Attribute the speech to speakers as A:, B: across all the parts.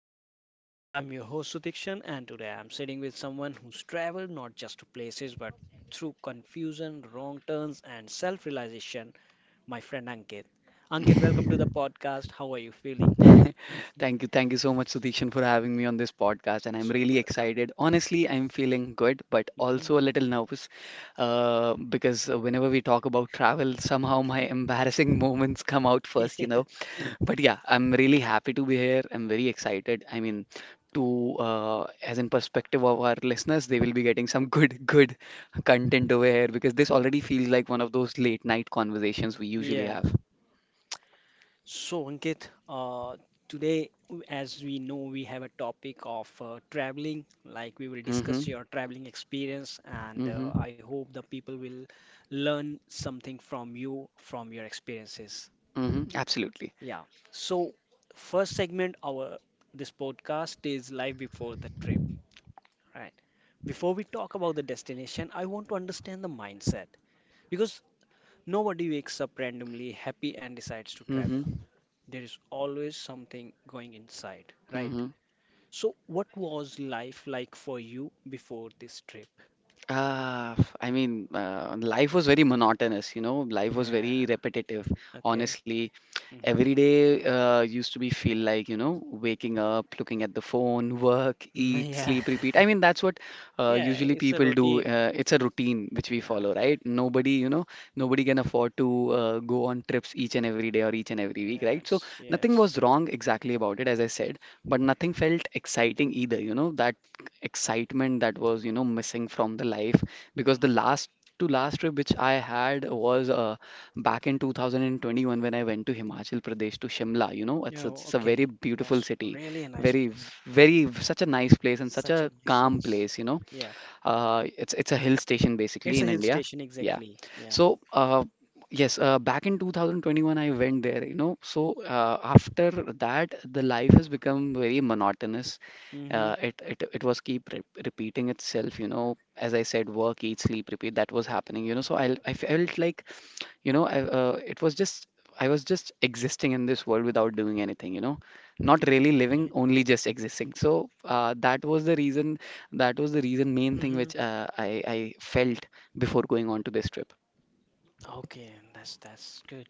A: moments. I'm your host Sutikshan, and today I'm sitting with someone who's traveled not just to places but through confusion, wrong turns, and self realization. My friend Ankit. Ankit, welcome to the podcast. How are you feeling?
B: Thank you. Thank you so much, Sudhishan, for having me on this podcast. And
A: Yes,
B: I'm
A: sir.
B: really
A: Welcome.
B: excited. Honestly, I'm feeling good, but
A: Hmm.
B: also a little nervous because whenever we talk about travel, somehow my embarrassing moments come out first, you know. But yeah, I'm really happy to be here. I'm very excited. I mean, to as in perspective of our listeners, they will be getting some good content over here because this already feels like one of those late night conversations we usually
A: Yeah.
B: have.
A: So, Ankit, today, as we know, we have a topic of traveling. Like we will discuss
B: Mm-hmm.
A: your traveling experience, and
B: Mm-hmm.
A: I hope the people will learn something from you, from your experiences.
B: Mm-hmm. Absolutely.
A: Yeah. So, first segment our this podcast is life before the trip, right? Before we talk about the destination, I want to understand the mindset because nobody wakes up randomly happy and decides to travel.
B: Mm-hmm.
A: There is always something going inside, right?
B: Mm-hmm.
A: So, what was life like for you before this trip?
B: Life was very monotonous, you know, life was very
A: Yeah,
B: repetitive.
A: okay.
B: Honestly,
A: Hmm.
B: every day used to be feel like, you know, waking up, looking at the phone, work, eat,
A: Yeah.
B: sleep, repeat. I mean, that's what
A: Yeah,
B: usually
A: it's a
B: people do.
A: routine.
B: It's a routine which we
A: Yeah,
B: follow, right? Nobody, you know, nobody can afford to go on trips each and every day or each and every week, right? So
A: yes,
B: nothing
A: yes.
B: was wrong exactly about it, as I said, but nothing felt exciting either, you know, that excitement that was, you know, missing from the life because the
A: Mm-hmm.
B: last to last trip which I had was back in 2021 when I went to Himachal Pradesh to Shimla. You know, it's
A: Oh,
B: it's a very
A: okay.
B: beautiful
A: That's
B: city,
A: really a nice
B: very
A: place.
B: very such a nice place and such
A: Such a
B: a
A: nice,
B: calm
A: yes.
B: place, you know.
A: Yeah,
B: It's a hill station basically
A: it's a
B: in
A: hill
B: India.
A: station,
B: Yeah.
A: exactly. Yeah.
B: So yes, back in 2021 I went there, you know. So after that, the life has become very monotonous.
A: Mm-hmm.
B: It was keep re repeating itself, you know. As I said, work, eat, sleep, repeat. That was happening, you know. So I felt like you know, it was just I was just existing in this world without doing anything, you know, not really living,
A: Okay.
B: only just existing. So that was the reason main thing
A: Mm-hmm.
B: which I felt before going on to this trip.
A: Okay, that's good.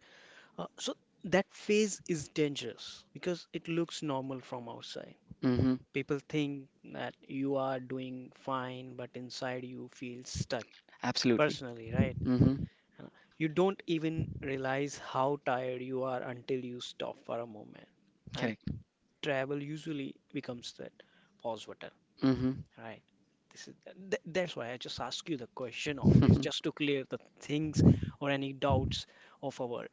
A: So that phase is dangerous because it looks normal from outside.
B: Mm-hmm.
A: People think that you are doing fine, but inside you feel stuck
B: Absolutely.
A: personally, right?
B: Mm-hmm.
A: Uh, You don't even realize how tired you are until you stop for a moment. And
B: Correct.
A: travel usually becomes that pause button,
B: Mm-hmm.
A: right? This is th that's why I just ask you the question of this, just to clear the things or any doubts of our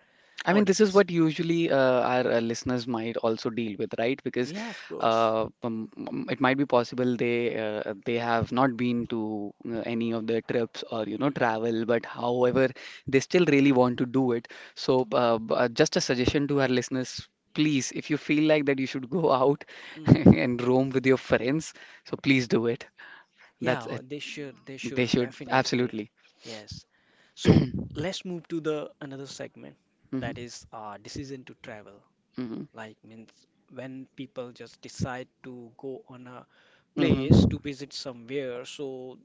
B: I mean, this is
A: audience.
B: what usually our listeners might also deal with, right? Because
A: Yeah, of course.
B: it might be possible they have not been to any of the trips or you know
A: Mhm,
B: travel, but however, they still really want to do it. So, just a suggestion to our listeners. Please, if you feel like that you should go out
A: mhm.
B: and roam with your friends, so please do it. That's
A: Yeah,
B: it.
A: oh, they should, they
B: They
A: should,
B: should
A: definitely.
B: absolutely.
A: Yes. So
B: hmm
A: let's move to the another segment that is decision to travel.
B: hmm
A: Like means when people just decide to go on a place
B: hmm
A: to visit somewhere. So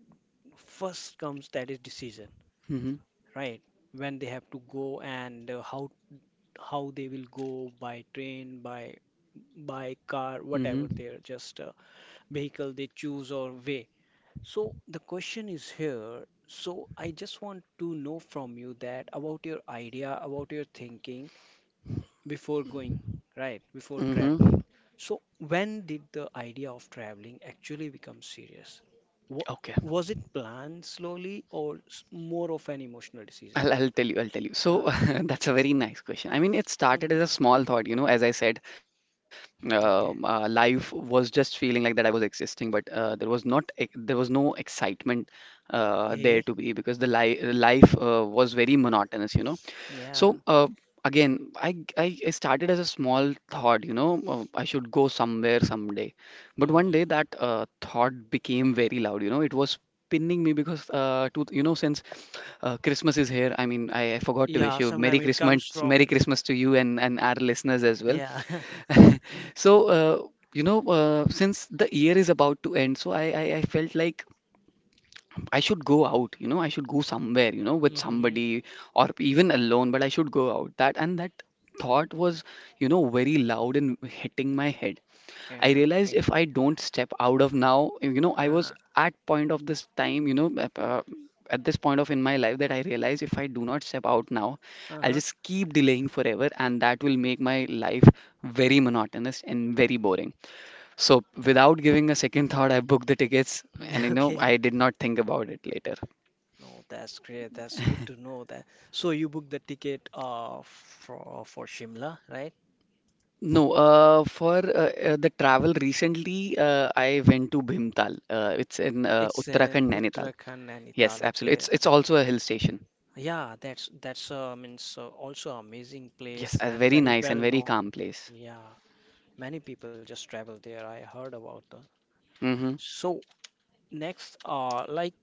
A: first comes that is decision,
B: hmm
A: right? When they have to go and how they will go by train, by car, whatever
B: hmm
A: their just vehicle they choose or way. So the question is here. So I just want to know from you that about your idea, about your thinking before going, right? Before traveling.
B: Mm-hmm.
A: So when did the idea of traveling actually become serious? Wa-
B: Okay.
A: Was it planned slowly or more of an emotional decision?
B: I'll tell you. So
A: Ah,
B: that's a very nice question. I mean, it started
A: mm,
B: as a small thought, you know, as I said,
A: okay.
B: life was just feeling like that I was existing, but there was not, ex- there was no excitement there
A: Hey,
B: to be because the li life was very monotonous, you know.
A: yeah.
B: So again, I started as a small thought, you know, I should go somewhere someday. But one day
A: Mhm.
B: that thought became very loud. You know, it was pinning me because, you know, since Christmas is here, I mean, I forgot to wish
A: Yeah,
B: you Merry
A: sometimes it
B: Christmas,
A: comes from,
B: Merry Christmas to you and our listeners as well.
A: yeah.
B: So, you know, since the year is about to end, so I felt like I should go out, you know, I should go somewhere, you know, with
A: hmm
B: somebody or even alone, but I should go out. That and that thought was, you know, very loud and hitting my head. I
A: Yeah,
B: realized
A: okay.
B: if I don't step out of now, you know, I
A: Uh,
B: was at point of this time, you know, ap- at this point of in my life that I realized if I do not step out now, I'll
A: uh-huh.
B: just keep delaying forever, and that will make my life very monotonous and very boring. So without giving a second thought, I booked the tickets, and you know
A: Okay.
B: I did not think about it later.
A: No, that's great. That's good to know that. So you booked the ticket for Shimla, right?
B: No, for the travel recently, I went to Bhimtal. It's in
A: It's in
B: Uttarakhand, Nainital.
A: Uttarakhand,
B: Yes,
A: Nainital.
B: absolutely.
A: Okay.
B: It's also a hill station.
A: Yeah, that's means also amazing
B: Yes,
A: place
B: a
A: and
B: very
A: very
B: nice and
A: well
B: very
A: known.
B: calm place.
A: Yeah, many people just travel there. I heard about that.
B: Mm-hmm.
A: So next, like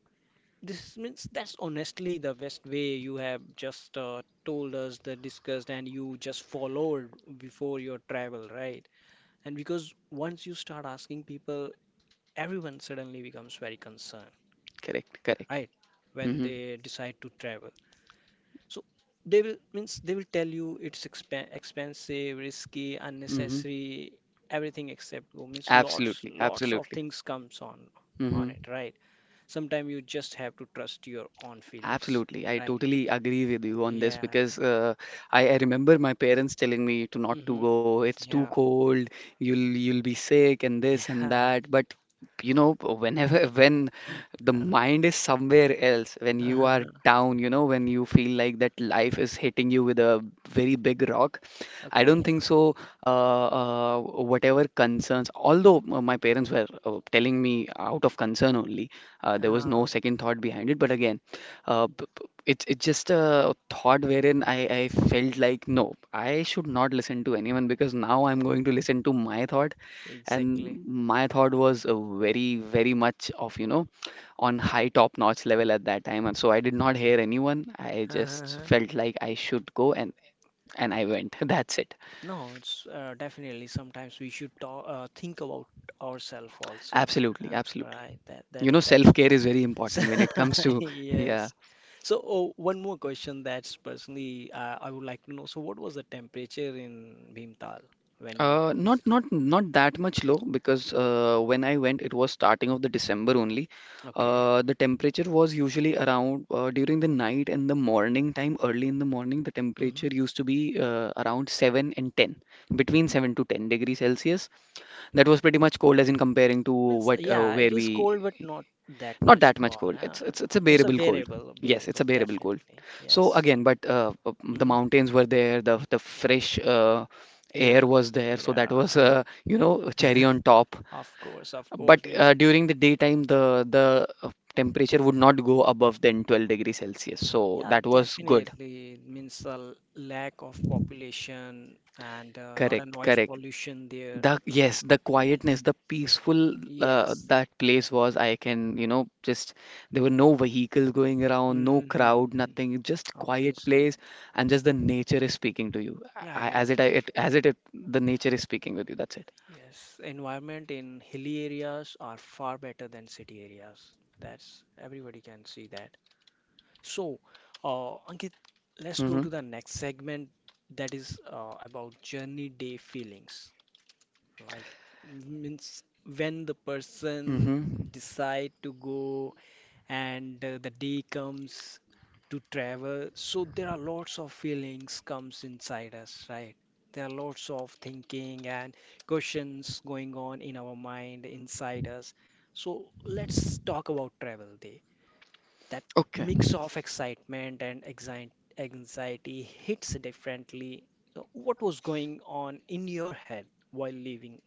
A: this means that's honestly the best way you have just told us the discussed and you just followed before your travel, right? And because once you start asking people, everyone suddenly becomes very concerned,
B: Correct.
A: right? When
B: Mm-hmm.
A: they decide to travel. So they will means they will tell you it's expensive, risky,
B: Mm-hmm.
A: unnecessary, everything except go. Means lots
B: Absolutely,
A: lots of
B: absolutely.
A: things comes on
B: Mm-hmm.
A: it, right? Sometimes you just have to trust your own feelings,
B: Absolutely. I
A: right?
B: totally agree with you on this
A: Yeah.
B: because I remember my parents telling me to not to
A: Mm-hmm.
B: go. It's too
A: Yeah.
B: cold. You'll be sick and this and
A: Yeah.
B: that. But you know, whenever when the
A: Uh,
B: mind is somewhere else, when you are
A: uh-huh.
B: down, you know, when you feel like that life is hitting you with a very big rock, I don't
A: Okay.
B: think so. Uh, whatever concerns, although my parents were telling me out of concern only, there was no
A: Uh,
B: second thought behind it. But again. It's just a thought wherein I felt like no, I should not listen to anyone because now I'm going to listen to my thought, and
A: exactly.
B: my thought was very very much of you know on high top notch level at that time, and so I did not hear anyone. I just felt like I should go and I went. That's it.
A: No, it's definitely sometimes we should think about ourselves also.
B: Absolutely, absolutely.
A: Right, that that
B: You know, self
A: that's
B: care is very
A: so,
B: important when it comes to yeah.
A: yes. So, oh, one more question that's personally I would like to know. So what was the temperature in Bhimtal when you
B: Uh, not
A: visited?
B: not not that much low because when I went, it was starting of the December only.
A: Okay.
B: The temperature was usually around during the night and the morning time, early in the morning, the temperature
A: Hmm.
B: used to be around 7 and 10, between 7 to 10 degrees Celsius. That was pretty much cold as in comparing to
A: Means,
B: what
A: yeah,
B: where
A: it is
B: we
A: cold but not that
B: not
A: much
B: that much
A: cold.
B: cold.
A: Yeah,
B: It's
A: yeah.
B: it's it's a
A: It's a
B: bearable cold.
A: variable,
B: Yes, it's
A: variable
B: a bearable cold.
A: definitely.
B: So
A: Yes.
B: again, but the
A: hmm
B: mountains were there, the fresh
A: Yeah.
B: air was there, so
A: Yeah.
B: that was you know a cherry on top.
A: Of course, of course.
B: But
A: Means.
B: during the daytime, the temperature would not go above than 12 degrees Celsius. So
A: Yeah,
B: that was good.
A: definitely. It means the lack of population and not a
B: Correct,
A: noise
B: correct.
A: pollution there.
B: The yes, the
A: Yes.
B: quietness, the peaceful
A: Yes.
B: that place was. I can, you know, just there were no vehicles going around, no crowd,
A: Mm-hmm.
B: nothing. Just quiet
A: Obviously.
B: place, and just the nature is speaking to you.
A: Yeah,
B: I, as it, I, it, as it, it, the nature is speaking with you. That's it.
A: yes. Environment in hilly areas are far better than city areas. That's everybody can see that. So, Ankit, let's go
B: Mm-hmm.
A: to the next segment that is about journey day feelings. Like means when the person
B: Mm-hmm.
A: decide to go and the day comes to travel, so there are lots of feelings comes inside us, right? There are lots of thinking and questions going on in our mind inside us. So let's talk about travel day. That
B: Okay.
A: mix of excitement and anxiety hits differently. So what was going on in your head while leaving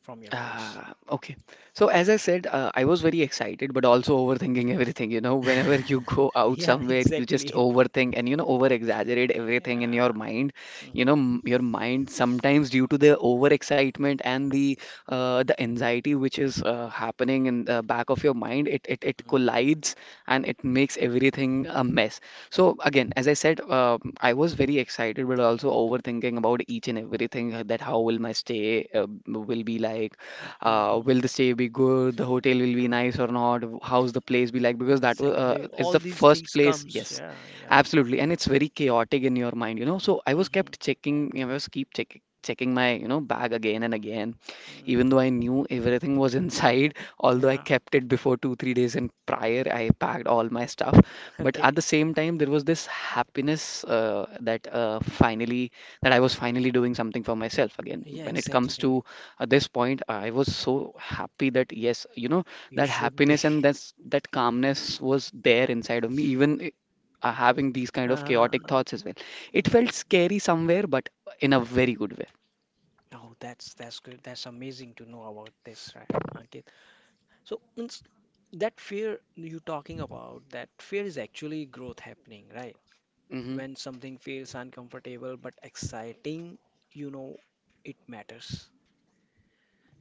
A: from your place.
B: Ah, okay. So as I said, I was very excited, but also overthinking everything. You know, whenever you go out
A: Yeah,
B: somewhere, you just
A: exactly.
B: overthink and you know over exaggerate everything in
A: Yeah.
B: your mind.
A: Hmm.
B: Your mind sometimes due to the over excitement and the anxiety which is happening in the back of your mind, it collides and it makes everything a mess. So again, as I said, I was very excited, but also overthinking about each and everything that how will my stay will be like
A: Hmm.
B: will the stay be good? The hotel will be nice or not? How's the place be like? Because that was
A: Exactly.
B: it's
A: All
B: the
A: these
B: first
A: things
B: place.
A: comes.
B: Yes,
A: Yeah. Yeah.
B: absolutely, and it's very chaotic in your mind, you know. So I was
A: Hmm.
B: kept checking. I was keep checking my you know bag again and again
A: Mm.
B: even though I knew everything was inside, although I
A: Yeah.
B: kept it before 2 3 days and prior I packed all my stuff. But at
A: Okay.
B: the same time there was this happiness that finally that I was finally doing something for myself again
A: Yeah.
B: when it comes to
A: Exactly.
B: at this point I was so happy that yes you know
A: You
B: that
A: should be.
B: happiness and that's that calmness was there inside of me, having these kind of chaotic
A: Uh,
B: thoughts as well. It felt
A: mm.
B: scary somewhere but in a very good way.
A: Oh, that's good. That's amazing to know about this, right, Ankit? So means that fear you're talking about, that fear is actually growth happening, right?
B: Hmm.
A: When something feels uncomfortable but exciting, you know it matters.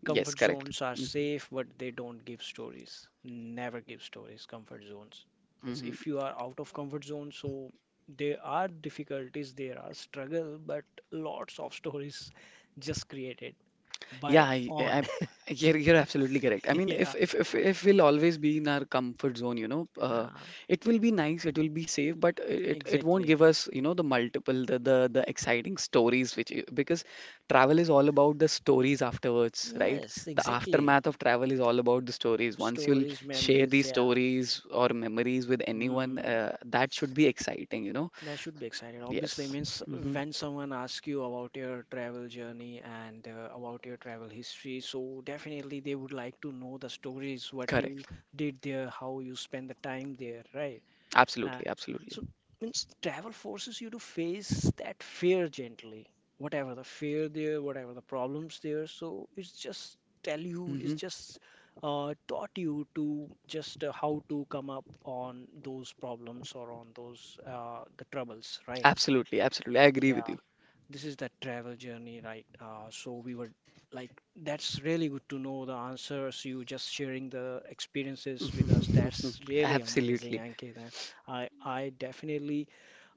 B: Yes,
A: Comfort
B: correct.
A: zones are safe, but they don't give stories. Never give stories, comfort zones. Means
B: Hmm.
A: if you are out of comfort zone, so there are difficulties, there are struggle, but lots of stories just created
B: Yeah,
A: by
B: I,
A: on.
B: I, you're absolutely correct. I mean,
A: Yeah.
B: if we'll always be in our comfort zone, you know,
A: Yeah,
B: it will be nice, it will be safe, but it won't
A: exactly.
B: give us, you know, the multiple, the exciting stories which you- because travel is all about the stories afterwards, right?
A: Yes,
B: The
A: exactly.
B: aftermath of travel is all about the stories. Once you'll
A: Stories,
B: share
A: memories,
B: these
A: yeah.
B: stories or memories with anyone,
A: Hmm.
B: that should be exciting, you know?
A: That should be excited. Obviously,
B: Yes.
A: means
B: Hmm.
A: when someone asks you about your travel journey and about your travel history, so definitely they would like to know the stories, what you
B: Correct.
A: did there, how you spent the time there, right? Uh,
B: Absolutely.
A: so means travel forces you to face that fear gently, whatever the fear there, whatever the problems there. So it's just tell you, it's
B: Hmm.
A: just taught you to just how to come up on those problems or on those the troubles, right?
B: Absolutely. I agree
A: Yeah,
B: with you.
A: this is the travel journey, right? So we were like, that's really good to know the answers. You just sharing the experiences with us. That's really amazing,
B: Absolutely.
A: Ankit. And I definitely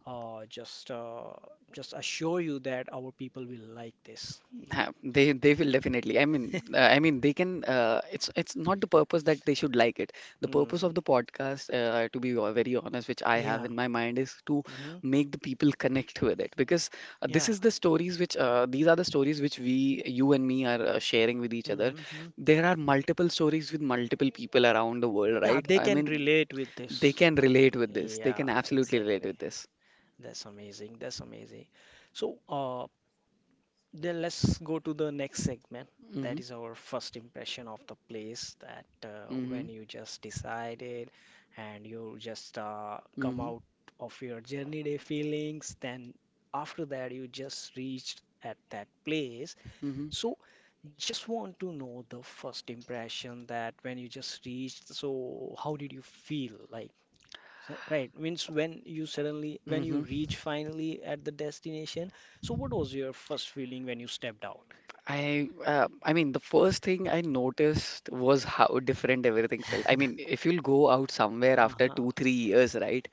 A: uh, just uh, just assure you that our people will like this.
B: They will definitely. I mean they can. It's not the purpose that they should like it. The purpose
A: Mm,
B: of the podcast, to be very honest, which I have
A: yeah.
B: in my mind, is to
A: hmm
B: make the people connect with it because this
A: Yeah.
B: is the stories which these are the stories which we, you and me, are sharing with each other.
A: hmm
B: There are multiple stories with multiple people around the world,
A: Yeah.
B: right?
A: They
B: I
A: can
B: mean,
A: relate with
B: they
A: this.
B: can relate with this. They can
A: Yeah.
B: absolutely relate
A: Exactly.
B: with this.
A: That's amazing. That's amazing. So, then let's go to the next segment. That
B: Mm-hmm.
A: is our first impression of the place that
B: Mm-hmm.
A: when you just decided and you just come
B: Mm-hmm.
A: out of your journey day feelings, then after that you just reached at that place.
B: Mm-hmm.
A: So just want to know the first impression that when you just reached, so how did you feel? Like right, means when you suddenly, when you
B: Hmm.
A: reach finally at the destination. So, what was your first feeling when you stepped out?
B: I mean the first thing I noticed was how different everything felt. I mean, if you'll go out somewhere after
A: Uh-huh.
B: 2, 3 years, right?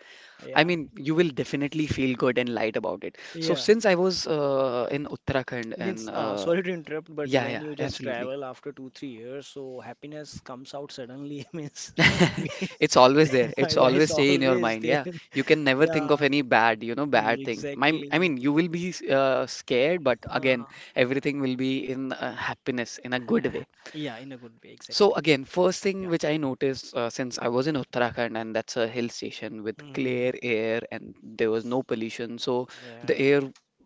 B: I
A: Yeah.
B: mean, you will definitely feel good and light about it. So
A: Yeah.
B: since I was in Uttarakhand
A: Means,
B: and uh,
A: sorry to interrupt, but
B: yeah,
A: when
B: yeah,
A: you just
B: absolutely.
A: travel after two, 3 years, so happiness comes out suddenly. Means, we,
B: It's always there. It's
A: yeah,
B: always
A: it's
B: stay in your
A: always
B: mind.
A: there.
B: Yeah, you can never think of
A: Yeah,
B: any bad, you know, bad thing. My, I
A: exactly.
B: mean, you will be scared, but
A: Uh,
B: again, everything will be in happiness in a good way.
A: yeah, in a good way,
B: So
A: exactly.
B: again, first thing
A: Yeah.
B: which I noticed since I was in Uttarakhand, and that's a hill station with clear
A: Mhm.
B: air and there was no pollution. So the
A: Yeah.
B: air,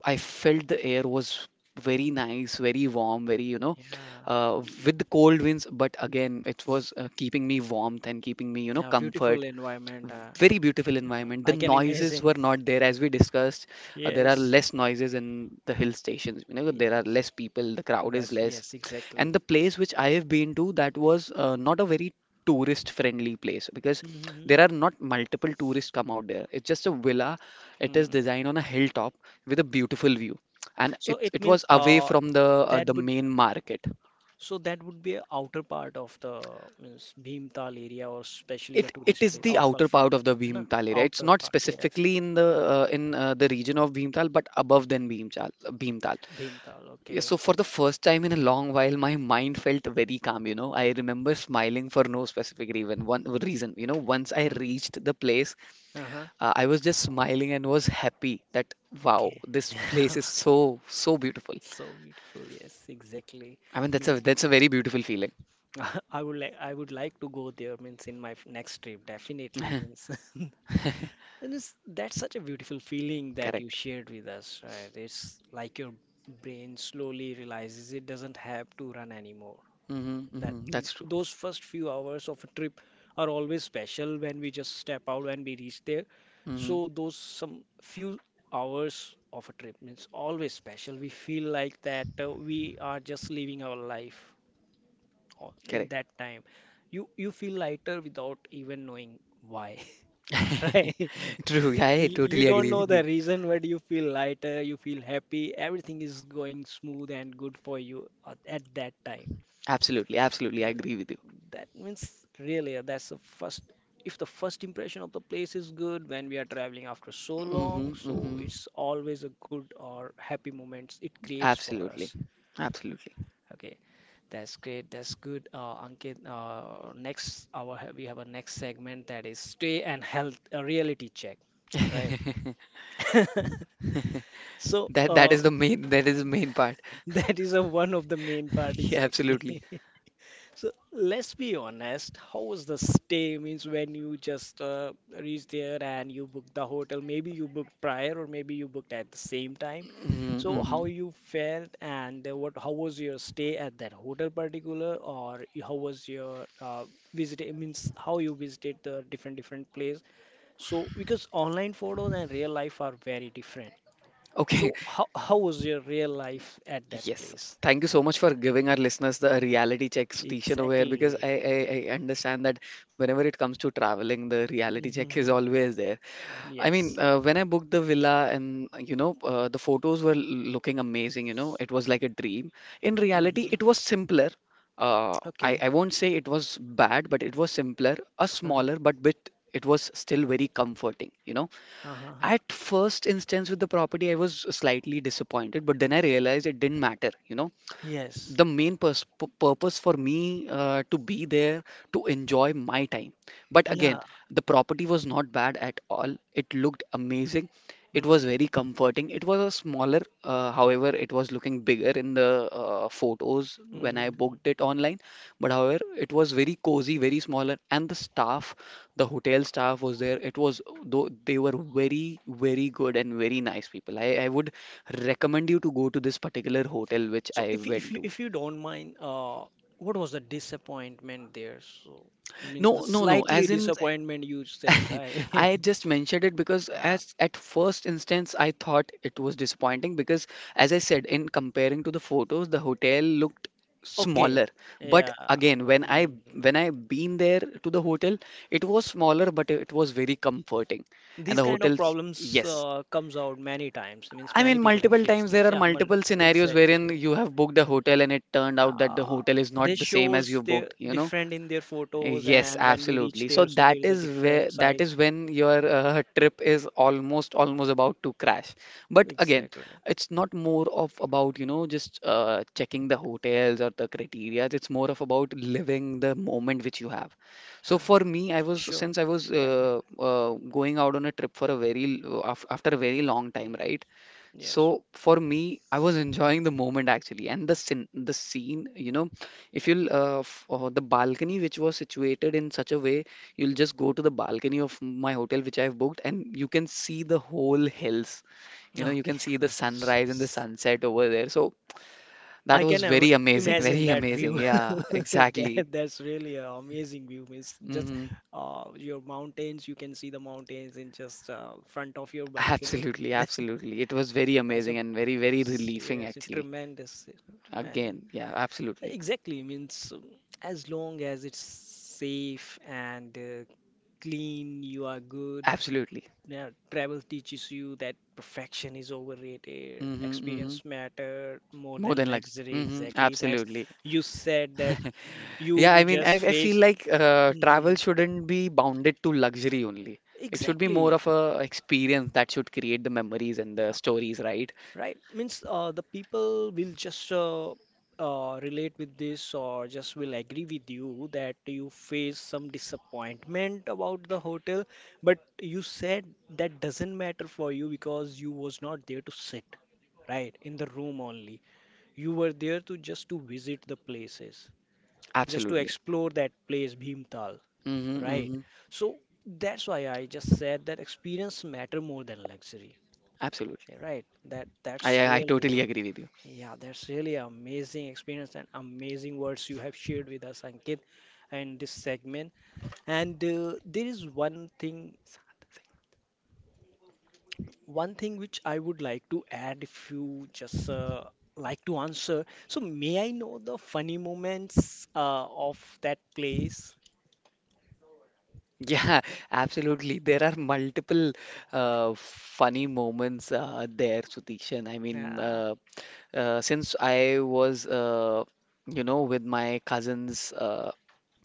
B: I felt the air was very nice, very warm, very, you know,
A: Yeah.
B: with the cold winds, but again, it was keeping me warmth and keeping me, you know,
A: Yeah. Beautiful
B: comfort.
A: environment.
B: Very beautiful
A: Yeah.
B: environment, the
A: I can
B: noises
A: imagine.
B: were not there, as we discussed there are
A: Yes,
B: less noises in the hill stations. You know, there are
A: yes,
B: less people, the crowd is
A: that's
B: less,
A: yes,
B: and
A: exactly.
B: the place which I have been to, that was not a very tourist friendly place because
A: Hmm.
B: there are not multiple tourists come out there. It's just a villa. It is
A: Hmm.
B: designed on a hilltop with a beautiful view, and
A: So
B: it
A: it
B: it was
A: means
B: away from
A: that
B: the
A: would
B: main market.
A: so that would be a outer part of the means Bhimtal area or especially the
B: It
A: tourist
B: is
A: place
B: the
A: outfall
B: outer part
A: from
B: of
A: the
B: the
A: है ना?
B: Bhimtal area. It's
A: Outer
B: not
A: part, yes.
B: specifically in the region of Bhimtal, but above than Bhimtal. Bhimtal.
A: Bhimtal,
B: Yeah, so
A: okay.
B: for the first time in a long while, my mind felt very calm. You know, I remember smiling for no specific reason. One reason, you know, once I
A: Hmm.
B: reached the place,
A: Uh-huh,
B: I was just smiling and was happy that wow,
A: okay.
B: this place is so so beautiful.
A: So beautiful, yes, exactly.
B: I mean,
A: Means.
B: that's a very beautiful feeling.
A: I would like to go there means in my next trip, definitely, means. And that's such a beautiful feeling that you
B: Correct.
A: shared with us, right? It's like your brain slowly realizes it doesn't have to run anymore.
B: Mm-hmm,
A: That
B: mm-hmm, that's true.
A: those first few hours of a trip are always special when we just step out and we reach there.
B: Mm-hmm,
A: So those some few hours of a trip means always special. We feel like that we are just living our life in
B: correct.
A: that time. You feel lighter without even knowing why, right?
B: True, I
A: You
B: totally
A: don't
B: agree
A: know
B: with you.
A: the reason, but you feel lighter, you feel happy, everything is going smooth and good for you at that time.
B: Absolutely, absolutely, I
A: Th-
B: agree with you.
A: That means really, that's the first, if the first impression of the place is good when we are traveling after so
B: Hmm,
A: long, so
B: hmm.
A: it's always a good or happy moments it creates for
B: Absolutely,
A: us.
B: absolutely.
A: Okay, that's great, that's good. Ankit, next, we have a next segment that is stay and health, a reality check, right? So,
B: That is the main, that is the main part.
A: that is a one of the main part,
B: Yeah,
A: exactly.
B: absolutely.
A: So let's be honest, how was the stay? Means when you just reach there and you book the hotel, maybe you booked prior or maybe you booked at the same time.
B: Mm-hmm,
A: So how
B: mm-hmm.
A: you felt and what how was your stay at that hotel particular or how was your visit. It means how you visited the different different place. So because online photos and real life are very different.
B: Okay.
A: So how was your real life at that
B: Yes.
A: place?
B: Thank you so much for giving our listeners the reality check, Sutishan, over here, because
A: Exactly.
B: I understand that whenever it comes to traveling, the reality check is
A: Hmm.
B: always there. I mean,
A: Yes.
B: when I booked the villa and you know, the photos were looking amazing, you know, it was like a dream. In reality,
A: Hmm.
B: it was simpler.
A: Okay.
B: I won't say it was bad, but it was simpler, a
A: Uh-huh.
B: smaller, but bit it was still very comforting, you know.
A: Uh-huh.
B: At first instance with the property, I was slightly disappointed, but then I realized it didn't matter, you know,
A: Yes.
B: the main purpose for me to be there to enjoy my time, but again,
A: Yeah.
B: the property was not bad at all. It looked amazing. It was very comforting. It was a smaller, however it was looking bigger in the photos when I
A: Mm-hmm.
B: booked it online. But however, it was very cozy, very smaller, and the staff, the hotel staff was there. It was though they were very very good and very nice people. I would recommend you to go to this particular hotel which
A: So
B: I
A: if you, if
B: went
A: you
B: to.
A: if you don't mind, what was the disappointment there? So means the
B: No, no, no.
A: slightly
B: As in,
A: disappointment you said, right?
B: I just mentioned it because
A: Yeah.
B: as at first instance, I thought it was disappointing because, as I said, in comparing to the photos, the hotel looked
A: Okay.
B: smaller. But
A: Yeah.
B: again,
A: Mhm.
B: when I been there to the hotel, it was smaller, but it was very comforting. And
A: These
B: the
A: kind of
B: hotels,
A: problems
B: yes.
A: comes out many times. Means
B: I
A: many
B: mean,
A: people have
B: multiple
A: faced
B: times there
A: this.
B: are
A: Yeah.
B: multiple scenarios wherein
A: Exactly.
B: you have booked a hotel and it turned out that the
A: uh,
B: hotel is
A: they
B: not the same as
A: shows
B: you
A: they
B: booked, you know?
A: different in their photos,
B: Yes,
A: and when we reach
B: absolutely. So
A: there, so
B: that
A: there is a
B: is where
A: different
B: that is
A: size,
B: when your trip is almost almost about to crash. But again,
A: exactly,
B: it's not more of about, you know, just checking the hotels or the criteria. It's more of about living the moment which you have. So
A: yeah.
B: for me, I was
A: Sure.
B: since I was
A: Definitely.
B: going out on a trip for a very after a very long time,
A: Mm,
B: right?
A: yes.
B: So for me, I was enjoying the moment actually, and the scene, you know, if you'll f the balcony which was situated in such a way, you'll just go to the balcony of my hotel which I've booked, and you can see the whole hills. You know, you
A: Okay.
B: can see the
A: That's-
B: sunrise and the
A: that's-
B: sunset over there. So that
A: i
B: was
A: can im-
B: very amazing,
A: imagine
B: very
A: that view.
B: amazing. Yeah,
A: that,
B: exactly.
A: that's really an amazing view, means just
B: Hmm.
A: your mountains, you can see the mountains in just front of your balcony.
B: Absolutely, absolutely. It was very
A: That's a,
B: amazing and very, very
A: yes,
B: relieving
A: yes, a
B: actually.
A: tremendous, tremendous.
B: Again, yeah, absolutely,
A: Exactly, means as long as it's safe and clean, you are good.
B: absolutely.
A: Now, travel teaches you that perfection is overrated,
B: Hmm, hmm.
A: experience matter more
B: More
A: than
B: than like,
A: luxury.
B: hmm,
A: Exactly, that's,
B: absolutely.
A: you said that
B: Yeah,
A: you
B: I mean,
A: just
B: I feel
A: face.
B: like travel
A: Mhm.
B: shouldn't be bounded to luxury only. It should be more of
A: Exactly,
B: a experience that should create the memories and the
A: yeah.
B: stories, right?
A: Right. Means the people will just relate with this, or just will agree with you that you face some disappointment about the hotel, but you said that doesn't matter for you, because you was not there to sit, right? In the room only. You were there to just to visit the places, just to
B: Absolutely.
A: explore that place, Bhimtal,
B: Mm-hmm,
A: right?
B: mm-hmm.
A: So that's why I just said that experience matter more than luxury,
B: Absolutely.
A: right? That that's
B: I
A: really.
B: totally
A: Yeah.
B: agree with you.
A: Yeah, that's really amazing experience and amazing words you have shared with us, Ankit, in this segment. And there is one thing which I would like to add if you just like to answer. So may I know the funny moments of that place?
B: Yeah, absolutely. There are multiple funny moments there, Sutishan.
A: Yeah.
B: Since I was, you know, with my cousins. Uh,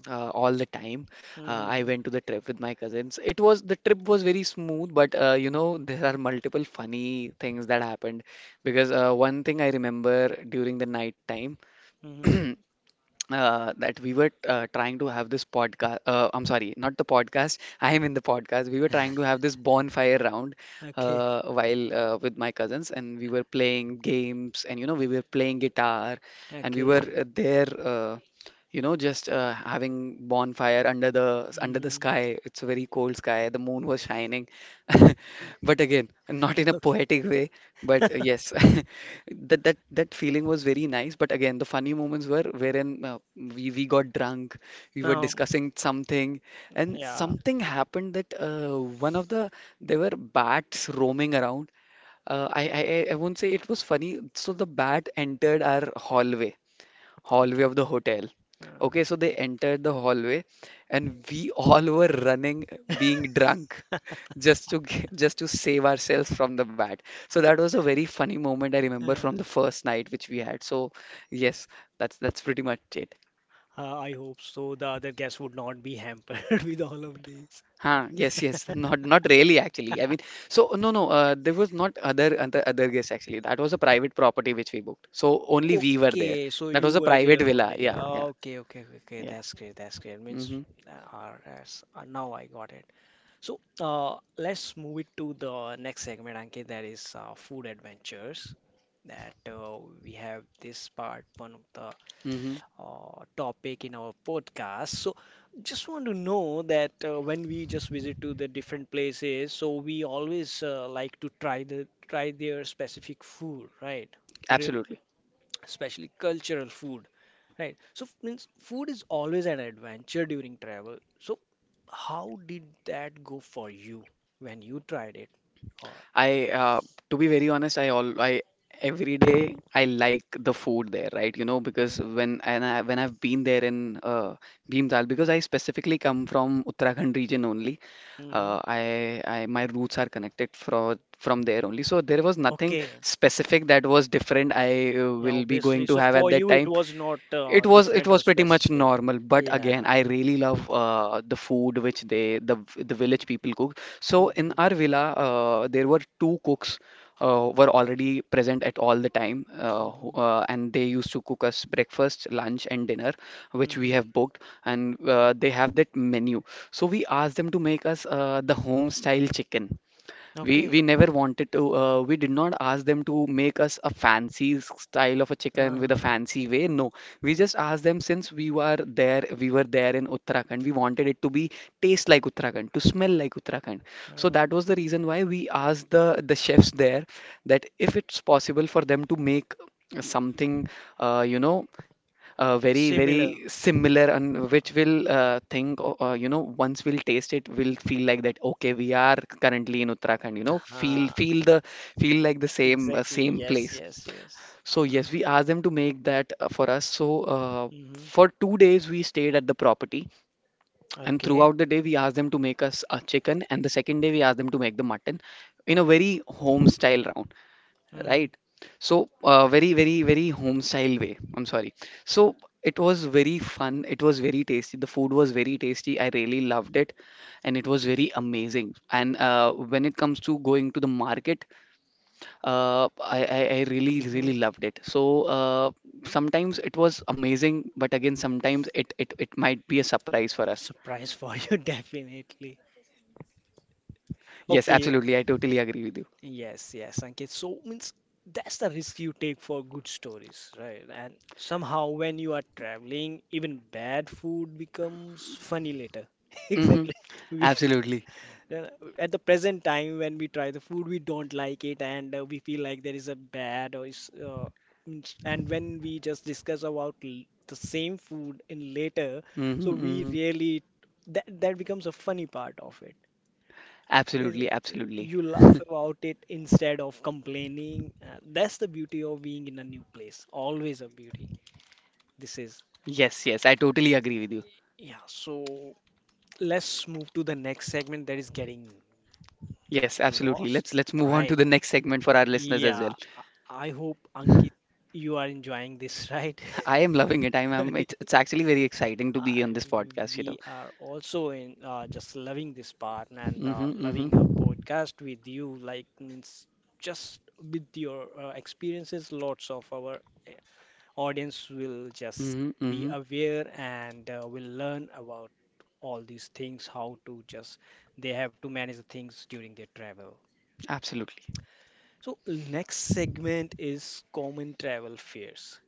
B: uh, All the time. I
A: Hmm.
B: went to the trip with my cousins. It was the trip was very smooth, but you know there are multiple funny things that happened because one thing I remember during the night time.
A: Hmm.
B: That we were trying to have this podcast. I'm sorry, not the podcast. I am in the podcast. We were trying to have this bonfire round
A: Okay.
B: while with my cousins, and we were playing games, and you know, we were playing guitar, and we
A: Okay.
B: were there. You know just having bonfire under the
A: Hmm.
B: sky. It's a very cold sky, the moon was shining, but again not in a
A: Okay.
B: poetic way, but yes, that that feeling was very nice, but again the funny moments were wherein we got drunk, we were
A: Um.
B: discussing something, and
A: Yeah.
B: something happened that one of the there were bats roaming around. I won't say it was funny. So the bat entered our hallway, hallway
A: Okay.
B: of the hotel.
A: Uh,
B: Okay, so they entered the hallway, and we all were running, being drunk, just to just to save ourselves from the bat. So that was a very funny moment I remember from the
A: uh.
B: first night which we had. So yes, that's pretty much it.
A: I hope so. The other guests would not be hampered with all of this. Uh,
B: Huh, yes, yes, not not really actually. I mean, so no, no, there was not other guests actually. That was a private property which we booked. So only we were there.
A: Okay, so
B: That
A: you
B: was a
A: were
B: private
A: there
B: villa.
A: only.
B: Yeah, yeah,
A: Okay, okay, okay, okay.
B: yeah.
A: That's great. That's great. Means,
B: Mm-hmm,
A: yes, now I got it. So, let's move it to the next segment, Ankit. That is food adventures. That we have this part, one of the
B: mm-hmm.
A: topic in our podcast. So, just want to know that when we just visit to the different places, so we always like to try their specific food, right? Their,
B: Absolutely.
A: especially cultural food, right? So means food is always an adventure during travel. So, how did that go for you when you tried it? Or
B: I to be very honest, I all I every day I like the food there, right? You know, because when and I, when I've been there in Bhimtal, because I specifically come from Uttarakhand region only.
A: mm-hmm.
B: I my roots are connected from there only. So there was nothing
A: Okay.
B: specific that was different I
A: Yeah,
B: will be
A: obviously.
B: going to
A: So
B: have
A: for
B: at that
A: you, it
B: time.
A: was not
B: It
A: different or
B: was pretty much
A: specific.
B: normal, but
A: Yeah.
B: again, I really love the food which the village people cook. So in
A: Mm-hmm.
B: our villa, there were two cooks were already present at all the time, and they used to cook us breakfast, lunch, and dinner, which we
A: Hmm.
B: have booked, and they have that menu. So we asked them to make us the home style chicken.
A: Okay.
B: We never wanted to. We did not ask them to make us a fancy style of a chicken with a
A: Uh-huh.
B: fancy way. No, we just asked them since we were there. We were there in Uttarakhand. We wanted it to be taste like Uttarakhand, to smell like Uttarakhand. So
A: Uh,
B: that was the reason why we asked the chefs there that if it's possible for them to make something, uh, you know very
A: similar.
B: very similar, and
A: Uh,
B: which will think o- you know once we'll taste it, we'll feel like that, okay, we are currently in Uttarakhand,
A: uh,
B: feel feel the feel like the same
A: exactly.
B: same
A: Yes,
B: place.
A: yes, yes.
B: So yes, we asked them to make that for us. So
A: Mm-hmm.
B: for 2 days we stayed at the property, and
A: Okay.
B: throughout the day we asked them to make us a chicken, and the second day we asked them to make the mutton in a very home style round,
A: Mm-hmm.
B: right? So very home style way. I'm sorry. So it was very fun, it was very tasty, the food was very tasty, I really loved it, and it was very amazing. And when it comes to going to the market, I really
A: Mm-hmm.
B: really loved it. So uh, sometimes it was amazing, but again sometimes it might be a surprise for us.
A: Surprise for you, definitely.
B: Yes,
A: Okay.
B: absolutely. I totally agree with you.
A: Yes, yes, Ankit. So means that's the risk you take for good stories, right? And somehow when you are traveling, even bad food becomes funny later.
B: Mm-hmm.
A: Exactly. We
B: Absolutely.
A: uh, at the present time when we try the food, we don't like it, and we feel like there is a bad or is means, and when we just discuss about the same food in later, so
B: Mm-hmm,
A: we
B: mm-hmm.
A: really that that becomes a funny part of it, uh,
B: Absolutely, absolutely.
A: you laugh about it instead of complaining. That's the beauty of being in a new place. Always a beauty. This is,
B: Yes, yes, I totally agree with you.
A: yeah. So let's move to the next segment, that is getting
B: Yes, absolutely.
A: lost,
B: Let's move on to
A: right?
B: the next segment for our listeners as
A: Yeah.
B: well.
A: I I hope Ankit, you are enjoying this, right?
B: I am loving it. I'm, I'm it's, it's actually very exciting to be
A: I,
B: on this podcast, you know.
A: we are also in just loving this part and
B: Mm-hmm, mm-hmm.
A: loving a podcast with you. Like means just with your experiences, lots of our, uh, audience will just
B: Mm-hmm,
A: be
B: mm-hmm.
A: aware and will learn about all these things, how to just they have to manage the things during their travel.
B: Absolutely.
A: So next segment is common travel fears.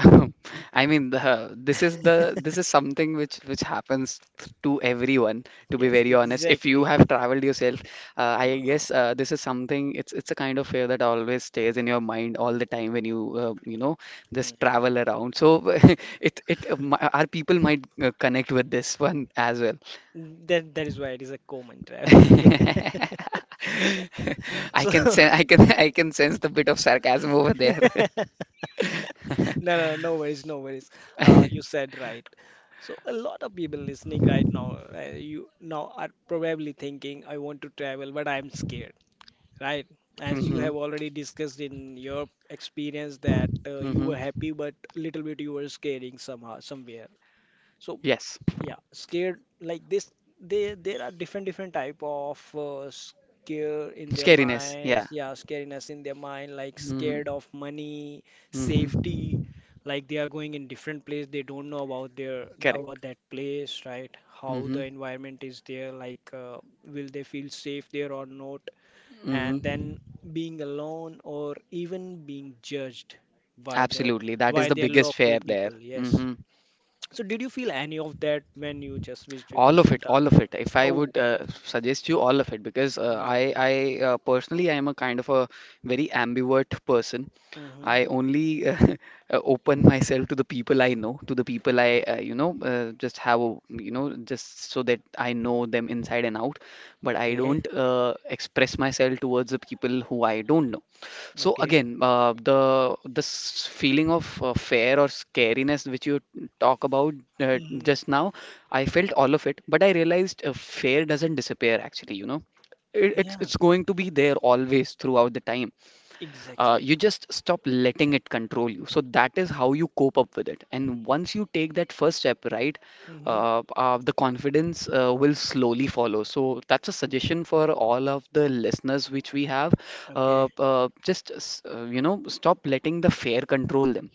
A: Right.
B: I mean, the this is something which happens to everyone. To be
A: Yes,
B: very honest, if you
A: exactly.
B: have traveled yourself, I
A: Uh,
B: guess this is something. It's a kind of fear that always stays in your mind all the time when you you know just
A: mhm.
B: travel around. So our people might connect with this one as well.
A: That that is why it is a common travel fear.
B: I
A: So
B: can sense, I can I can sense the bit of sarcasm over there.
A: no, no, no worries, no worries. You said right. So a lot of people listening right now, you now are probably thinking, I want to travel, but I'm scared, right? As you
B: hmm
A: have already discussed in your experience that you
B: hmm
A: were happy, but little bit you were scaring somehow somewhere. So
B: Yes.
A: yeah, scared like this, they there are different different type of scare in their
B: Scariness. Yeah.
A: minds, yeah, scariness in their mind, like
B: Mm-hmm.
A: scared of money,
B: Mm-hmm.
A: safety, like they are going in different place, they don't know about
B: Correct.
A: about that place, right? How
B: Mm-hmm.
A: the environment is there, like, will they feel safe there or not,
B: Mm-hmm.
A: and then being alone or even being judged by the,
B: Absolutely. That
A: by
B: is the
A: their
B: biggest
A: local
B: fear there.
A: people, yes,
B: Mm-hmm.
A: so did you feel any of that when you just visited to
B: All of it,
A: Neemtal?
B: all of it, if I
A: Oh,
B: would suggest you, all of it, because
A: mm, okay.
B: I personally I am a kind of a very ambivert person.
A: Mm-hmm.
B: I only open myself to the people I know, to the people I just have a, you know, just so that I know them inside and out, but I
A: Okay.
B: don't express myself towards the people who I don't know. So
A: Okay.
B: again, the this feeling of fear or scariness which you talk about
A: Mm-hmm.
B: just now, I felt all of it, but I realized fear doesn't disappear actually, you know. It, it's
A: Yeah,
B: it's going to be there always throughout the time. Uh,
A: exactly.
B: you just stop letting it control you. So that is how you cope up with it. And once you take that first step, right,
A: Mm-hmm.
B: the confidence will slowly follow. So that's a suggestion for all of the listeners which we have.
A: Okay.
B: Just, s- you know, stop letting the fear control them.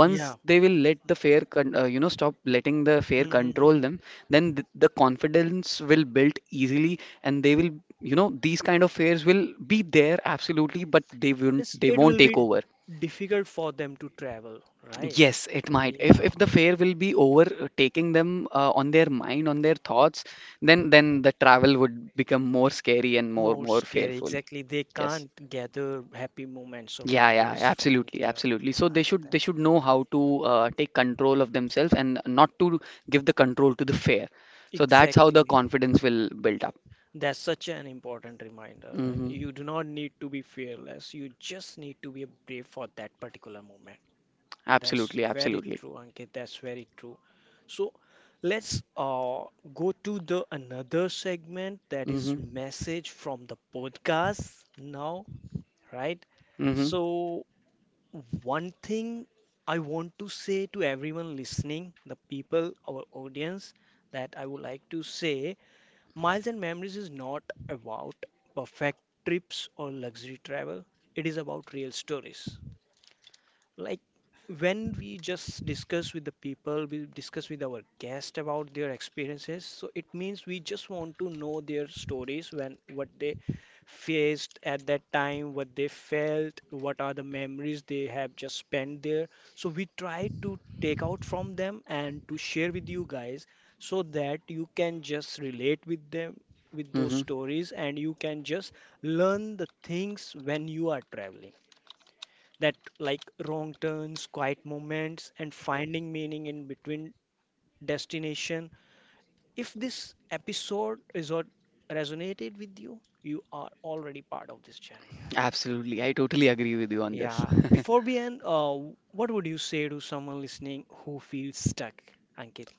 A: Yeah.
B: they will let the fear con- you know stop letting the fear
A: Mm-hmm.
B: control
A: Mm-hmm.
B: them, the confidence will build easily, and they will, you know, these kind of fears will be there absolutely, but they won't,
A: It's,
B: they
A: it will
B: won't take
A: be
B: over.
A: difficult for them to travel, right?
B: Yes, it might. If
A: Yeah,
B: if the fear will be overtaking them on their mind, on their thoughts, then the travel would become more scary and more
A: more
B: more
A: scary.
B: fearful.
A: Exactly. They
B: Yes.
A: can't gather happy moments or
B: Yeah, yeah,
A: memories from
B: absolutely,
A: there,
B: absolutely. So they
A: right?
B: should, they
A: That's
B: should know how to take control of themselves, and not to give the control to the fear. So that's how the
A: exactly.
B: confidence will build up.
A: That's such an important reminder, right?
B: Hmm
A: You do not need to be fearless. You just need to be brave for that particular moment. That's
B: Absolutely,
A: very
B: absolutely.
A: true, Ankit. That's very true. So let's go to the another segment, that is
B: Hmm
A: message from the podcast now, right?
B: hmm
A: So one thing I want to say to everyone listening, the people, our audience, that I would like to say, Miles and Memories is not about perfect trips or luxury travel, it is about real stories, like when we just discuss with the people, we discuss with our guest about their experiences, so it means we just want to know their stories, when what they faced at that time, what they felt, what are the memories they have just spent there, so we try to take out from them and to share with you guys, so that you can just relate with them, with those
B: hmm
A: stories, and you can just learn the things when you are traveling, that like wrong turns, quiet moments, and finding meaning in between destination. If this episode resort resonated with you, you are already part of this journey.
B: Absolutely. I totally agree with you on this.
A: Yeah. Before we end, what would you say to someone listening who feels stuck, Ankit?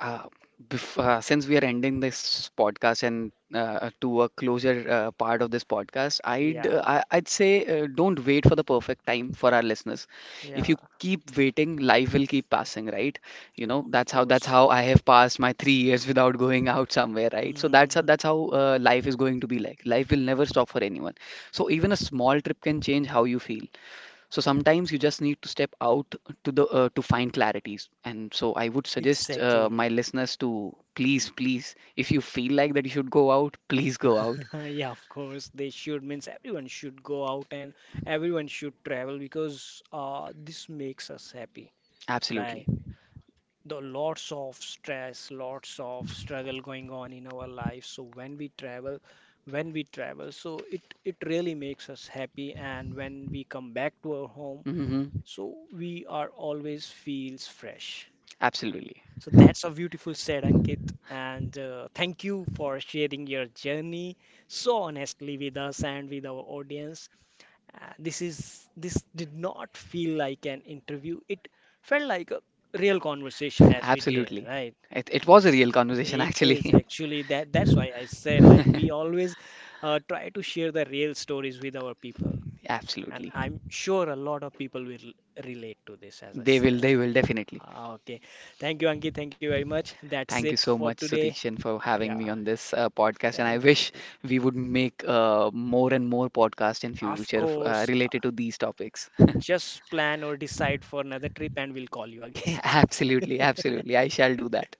B: Uh, bef Since we are ending this podcast, and to a closer part of this podcast, I'd
A: Yeah,
B: uh, I, I'd say don't wait for the perfect time for our listeners. If
A: yeah,
B: you keep waiting, life will keep passing, right? You know,
A: of
B: that's how that's
A: course.
B: how I have passed my 3 years without going out somewhere, right? So
A: Hmm.
B: that's how life is going to be like. Life will never stop for anyone. So even a small trip can change how you feel. So sometimes you just need to step out, to find clarities. And so I would suggest
A: Exactly.
B: my listeners to please, please, if you feel like that you should go out, please go out.
A: Yeah, of course. They should, means everyone should go out, and everyone should travel, because this makes us happy. Right.
B: Absolutely.
A: The lots of stress, lots of struggle going on in our life. So when we travel, so it really makes us happy. And when we come back to our home,
B: Hmm
A: so we are always feels fresh.
B: Absolutely.
A: So that's a beautiful said, Ankit. And thank you for sharing your journey so honestly with us and with our audience. This is, this did not feel like an interview. It felt like a real conversation as we did,
B: Absolutely.
A: right?
B: It was a
A: Ye-
B: real conversation,
A: it
B: actually.
A: is actually that. That's why I said, like, we always try to share the real stories with our people, and
B: Absolutely.
A: I'm sure a lot of people will relate to this, as I said.
B: They will definitely.
A: Ah, okay, thank you, Anki. Thank you very much. That's
B: Thank
A: it
B: you so
A: for
B: much,
A: today.
B: Sutikshan, for having
A: Yeah,
B: me on this podcast. And I
A: thank you.
B: wish we would make more and more podcasts in
A: Of
B: future
A: course,
B: related to these topics.
A: just plan or decide for another trip, and we'll call you again.
B: Absolutely, absolutely. I shall do that.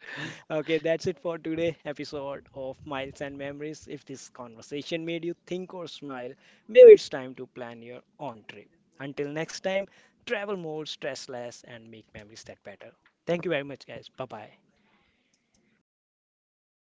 A: Okay, that's it for today episode of Miles and Memories. If this conversation made you think or smile, maybe it's time to plan your own trip. Until next time, travel more, stress less, and make memories that better. Thank you very much, guys. Bye bye.